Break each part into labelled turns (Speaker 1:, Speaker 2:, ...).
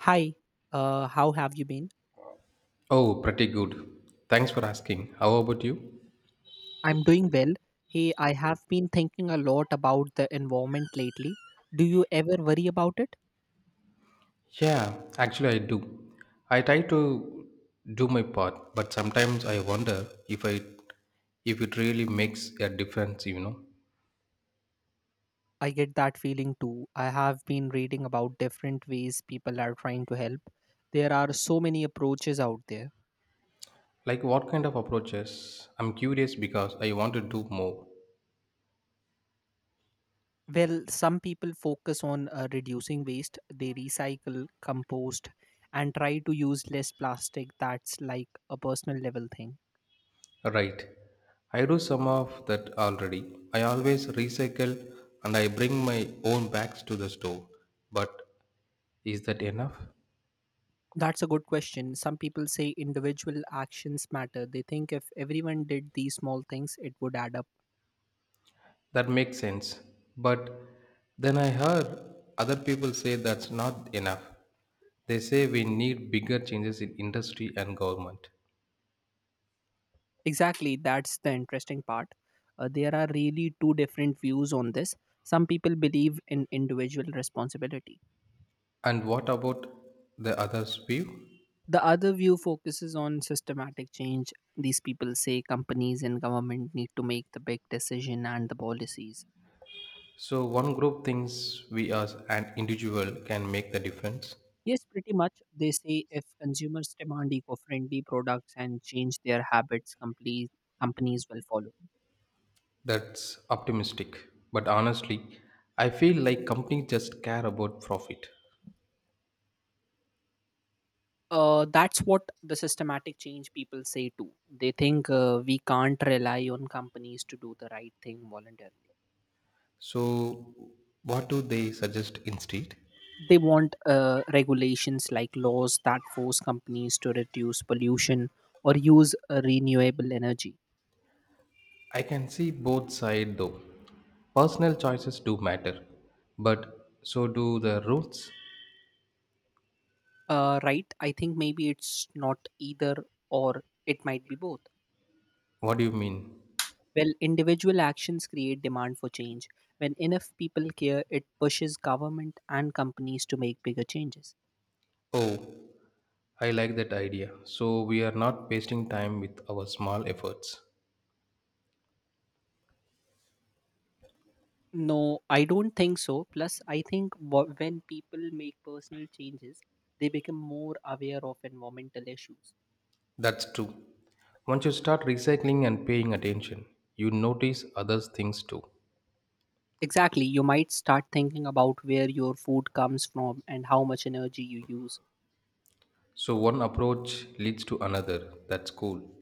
Speaker 1: Hi, how have you been?
Speaker 2: Oh, pretty good. Thanks for asking. How about you?
Speaker 1: I'm doing well. Hey, I have been thinking a lot about the environment lately. Do you ever worry about it?
Speaker 2: Yeah, actually, I do. I try to do my part, but sometimes I wonder if I if it really makes a difference, you know.
Speaker 1: I get that feeling too. I have been reading about different ways people are trying to help. There are so many approaches out there.
Speaker 2: Like what kind of approaches? I'm curious because I want to do more.
Speaker 1: Well, some people focus on reducing waste, they recycle, compost, and try to use less plastic. That's like a personal level thing.
Speaker 2: Right. I do some of that already. I always recycle and I bring my own bags to the store. But is that enough?
Speaker 1: That's a good question. Some people say individual actions matter. They think if everyone did these small things, it would add up.
Speaker 2: That makes sense. But then I heard other people say that's not enough. They say we need bigger changes in industry and government.
Speaker 1: Exactly, that's the interesting part. There are really two different views on this. Some people believe in individual responsibility.
Speaker 2: And what about the others' view?
Speaker 1: The other view focuses on systematic change. These people say companies and government need to make the big decision and the policies.
Speaker 2: So, one group thinks we as an individual can make the difference.
Speaker 1: Yes, pretty much. They say if consumers demand eco friendly products and change their habits, companies will follow.
Speaker 2: That's optimistic. But honestly, I feel like companies just care about profit.
Speaker 1: That's what the systematic change people say too. They think we can't rely on companies to do the right thing voluntarily.
Speaker 2: So, what do they suggest instead?
Speaker 1: They want regulations like laws that force companies to reduce pollution or use renewable energy.
Speaker 2: I can see both sides though. Personal choices do matter, but so do the rules.
Speaker 1: Right? I think maybe it's not either or, it might be both.
Speaker 2: What do you mean?
Speaker 1: Well, individual actions create demand for change. When enough people care, it pushes government and companies to make bigger changes.
Speaker 2: Oh, I like that idea. So we are not wasting time with our small efforts.
Speaker 1: No, I don't think so. Plus, I think when people make personal changes, they become more aware of environmental issues.
Speaker 2: That's true. Once you start recycling and paying attention, you notice others' things too.
Speaker 1: Exactly. You might start thinking about where your food comes from and how much energy you use.
Speaker 2: So one approach leads to another. That's cool.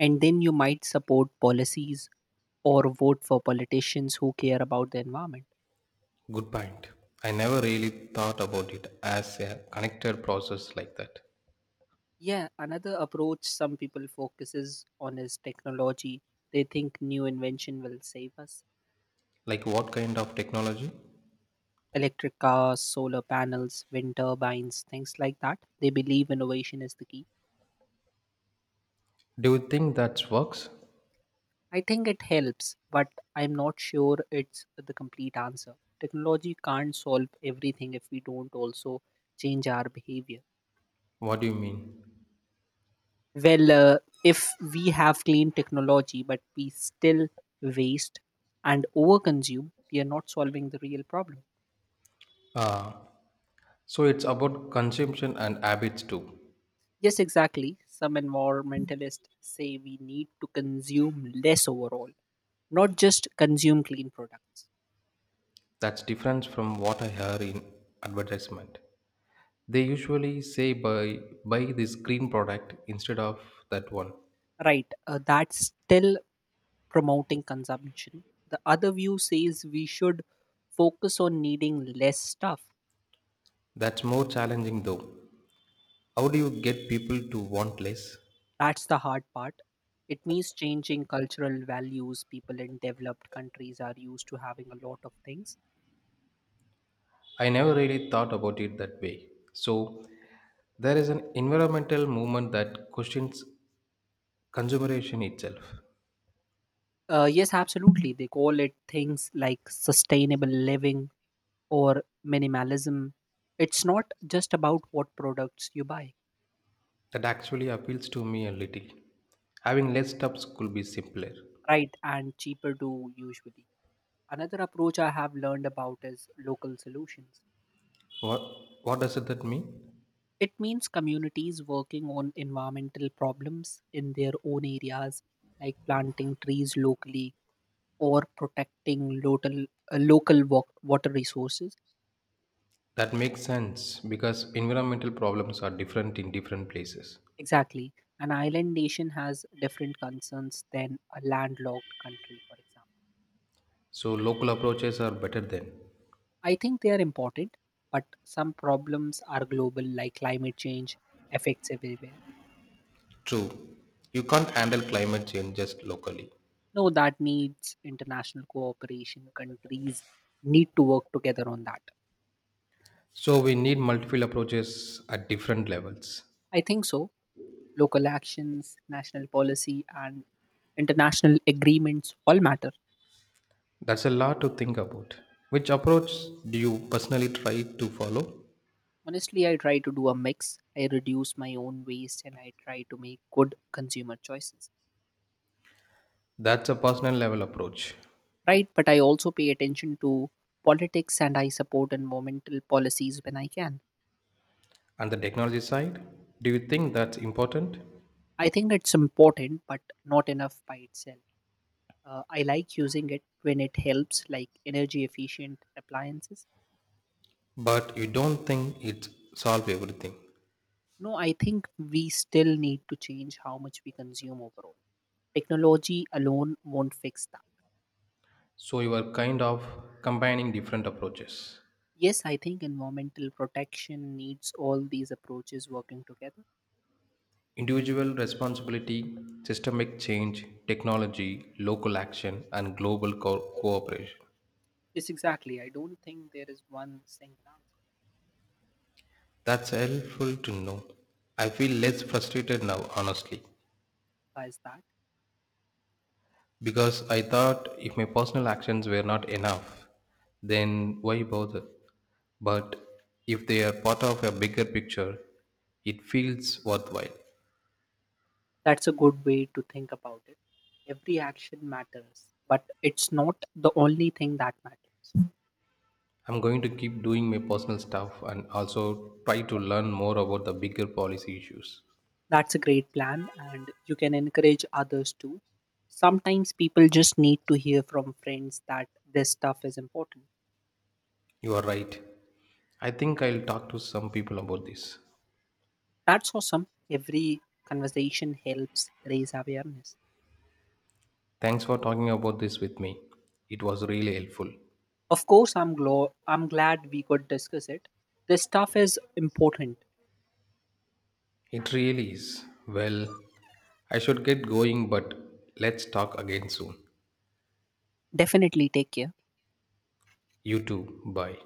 Speaker 1: And then you might support policies or vote for politicians who care about the environment.
Speaker 2: Good point. I never really thought about it as a connected process like that.
Speaker 1: Yeah, another approach some people focuses on is technology. They think new invention will save us.
Speaker 2: Like what kind of technology?
Speaker 1: Electric cars, solar panels, wind turbines, things like that. They believe innovation is the key.
Speaker 2: Do you think that works?
Speaker 1: I think it helps, but I'm not sure it's the complete answer. Technology can't solve everything if we don't also change our behavior.
Speaker 2: What do you mean?
Speaker 1: Well, if we have clean technology, but we still waste and overconsume, we are not solving the real problem.
Speaker 2: So it's about consumption and habits too.
Speaker 1: Yes, exactly. Some environmentalists say we need to consume less overall, not just consume clean products.
Speaker 2: That's different from what I hear in advertisement. They usually say buy this green product instead of that one.
Speaker 1: Right, that's still promoting consumption. The other view says we should focus on needing less stuff.
Speaker 2: That's more challenging though. How do you get people to want less?
Speaker 1: That's the hard part. It means changing cultural values. People in developed countries are used to having a lot of things.
Speaker 2: I never really thought about it that way. So there is an environmental movement that questions consumeration itself.
Speaker 1: Yes, absolutely. They call it things like sustainable living, or minimalism. It's not just about what products you buy,
Speaker 2: That actually appeals to me a little. Having less steps could be simpler.
Speaker 1: right? And cheaper do usually. Another approach I have learned about is local solutions.
Speaker 2: What, what does it that mean?
Speaker 1: It means communities working on environmental problems in their own areas, like planting trees locally or protecting local, local water resources.
Speaker 2: That makes sense because environmental problems are different in different places.
Speaker 1: Exactly. An island nation has different concerns than a landlocked country, for example.
Speaker 2: So local approaches are better then.
Speaker 1: I think they are important, but some problems are global, like climate change affects everywhere.
Speaker 2: True, you can't handle climate change just locally.
Speaker 1: No, that needs international cooperation. Countries need to work together on that.
Speaker 2: So we need multiple approaches at different levels.
Speaker 1: I think so. Local actions, national policy, and international agreements all matter.
Speaker 2: That's a lot to think about. Which approach do you personally try to follow?
Speaker 1: Honestly, I try to do a mix. I reduce my own waste and I try to make good consumer choices.
Speaker 2: That's a personal level approach.
Speaker 1: Right? But I also pay attention to politics and I support environmental policies when I can.
Speaker 2: And the technology side, do you think that's important?
Speaker 1: I think it's important, but not enough by itself. I like using it when it helps, like energy efficient appliances.
Speaker 2: But you don't think it solves everything.
Speaker 1: No, I think we still need to change how much we consume overall. Technology alone won't fix that.
Speaker 2: So you are kind of combining different approaches.
Speaker 1: Yes, I think environmental protection needs all these approaches working together.
Speaker 2: Individual responsibility, systemic change, technology, local action, and global cooperation.
Speaker 1: Yes, exactly. I don't think there is one single answer.
Speaker 2: That's helpful to know. I feel less frustrated now, honestly.
Speaker 1: Why is that?
Speaker 2: Because I thought if my personal actions were not enough, then why bother? But if they are part of a bigger picture, it feels worthwhile.
Speaker 1: That's a good way to think about it. Every action matters, but it's not the only thing that matters.
Speaker 2: I'm going to keep doing my personal stuff and also try to learn more about the bigger policy issues.
Speaker 1: That's a great plan, and you can encourage others too. Sometimes people just need to hear from friends that this stuff is important.
Speaker 2: You are right. I think I'll talk to some people about this.
Speaker 1: That's awesome. Every conversation helps raise awareness.
Speaker 2: Thanks for talking about this with me. It was really helpful.
Speaker 1: Of course, I'm glad we could discuss it. This stuff is important.
Speaker 2: It really is. Well, I should get going, but let's talk again soon.
Speaker 1: Definitely take care.
Speaker 2: You too. Bye.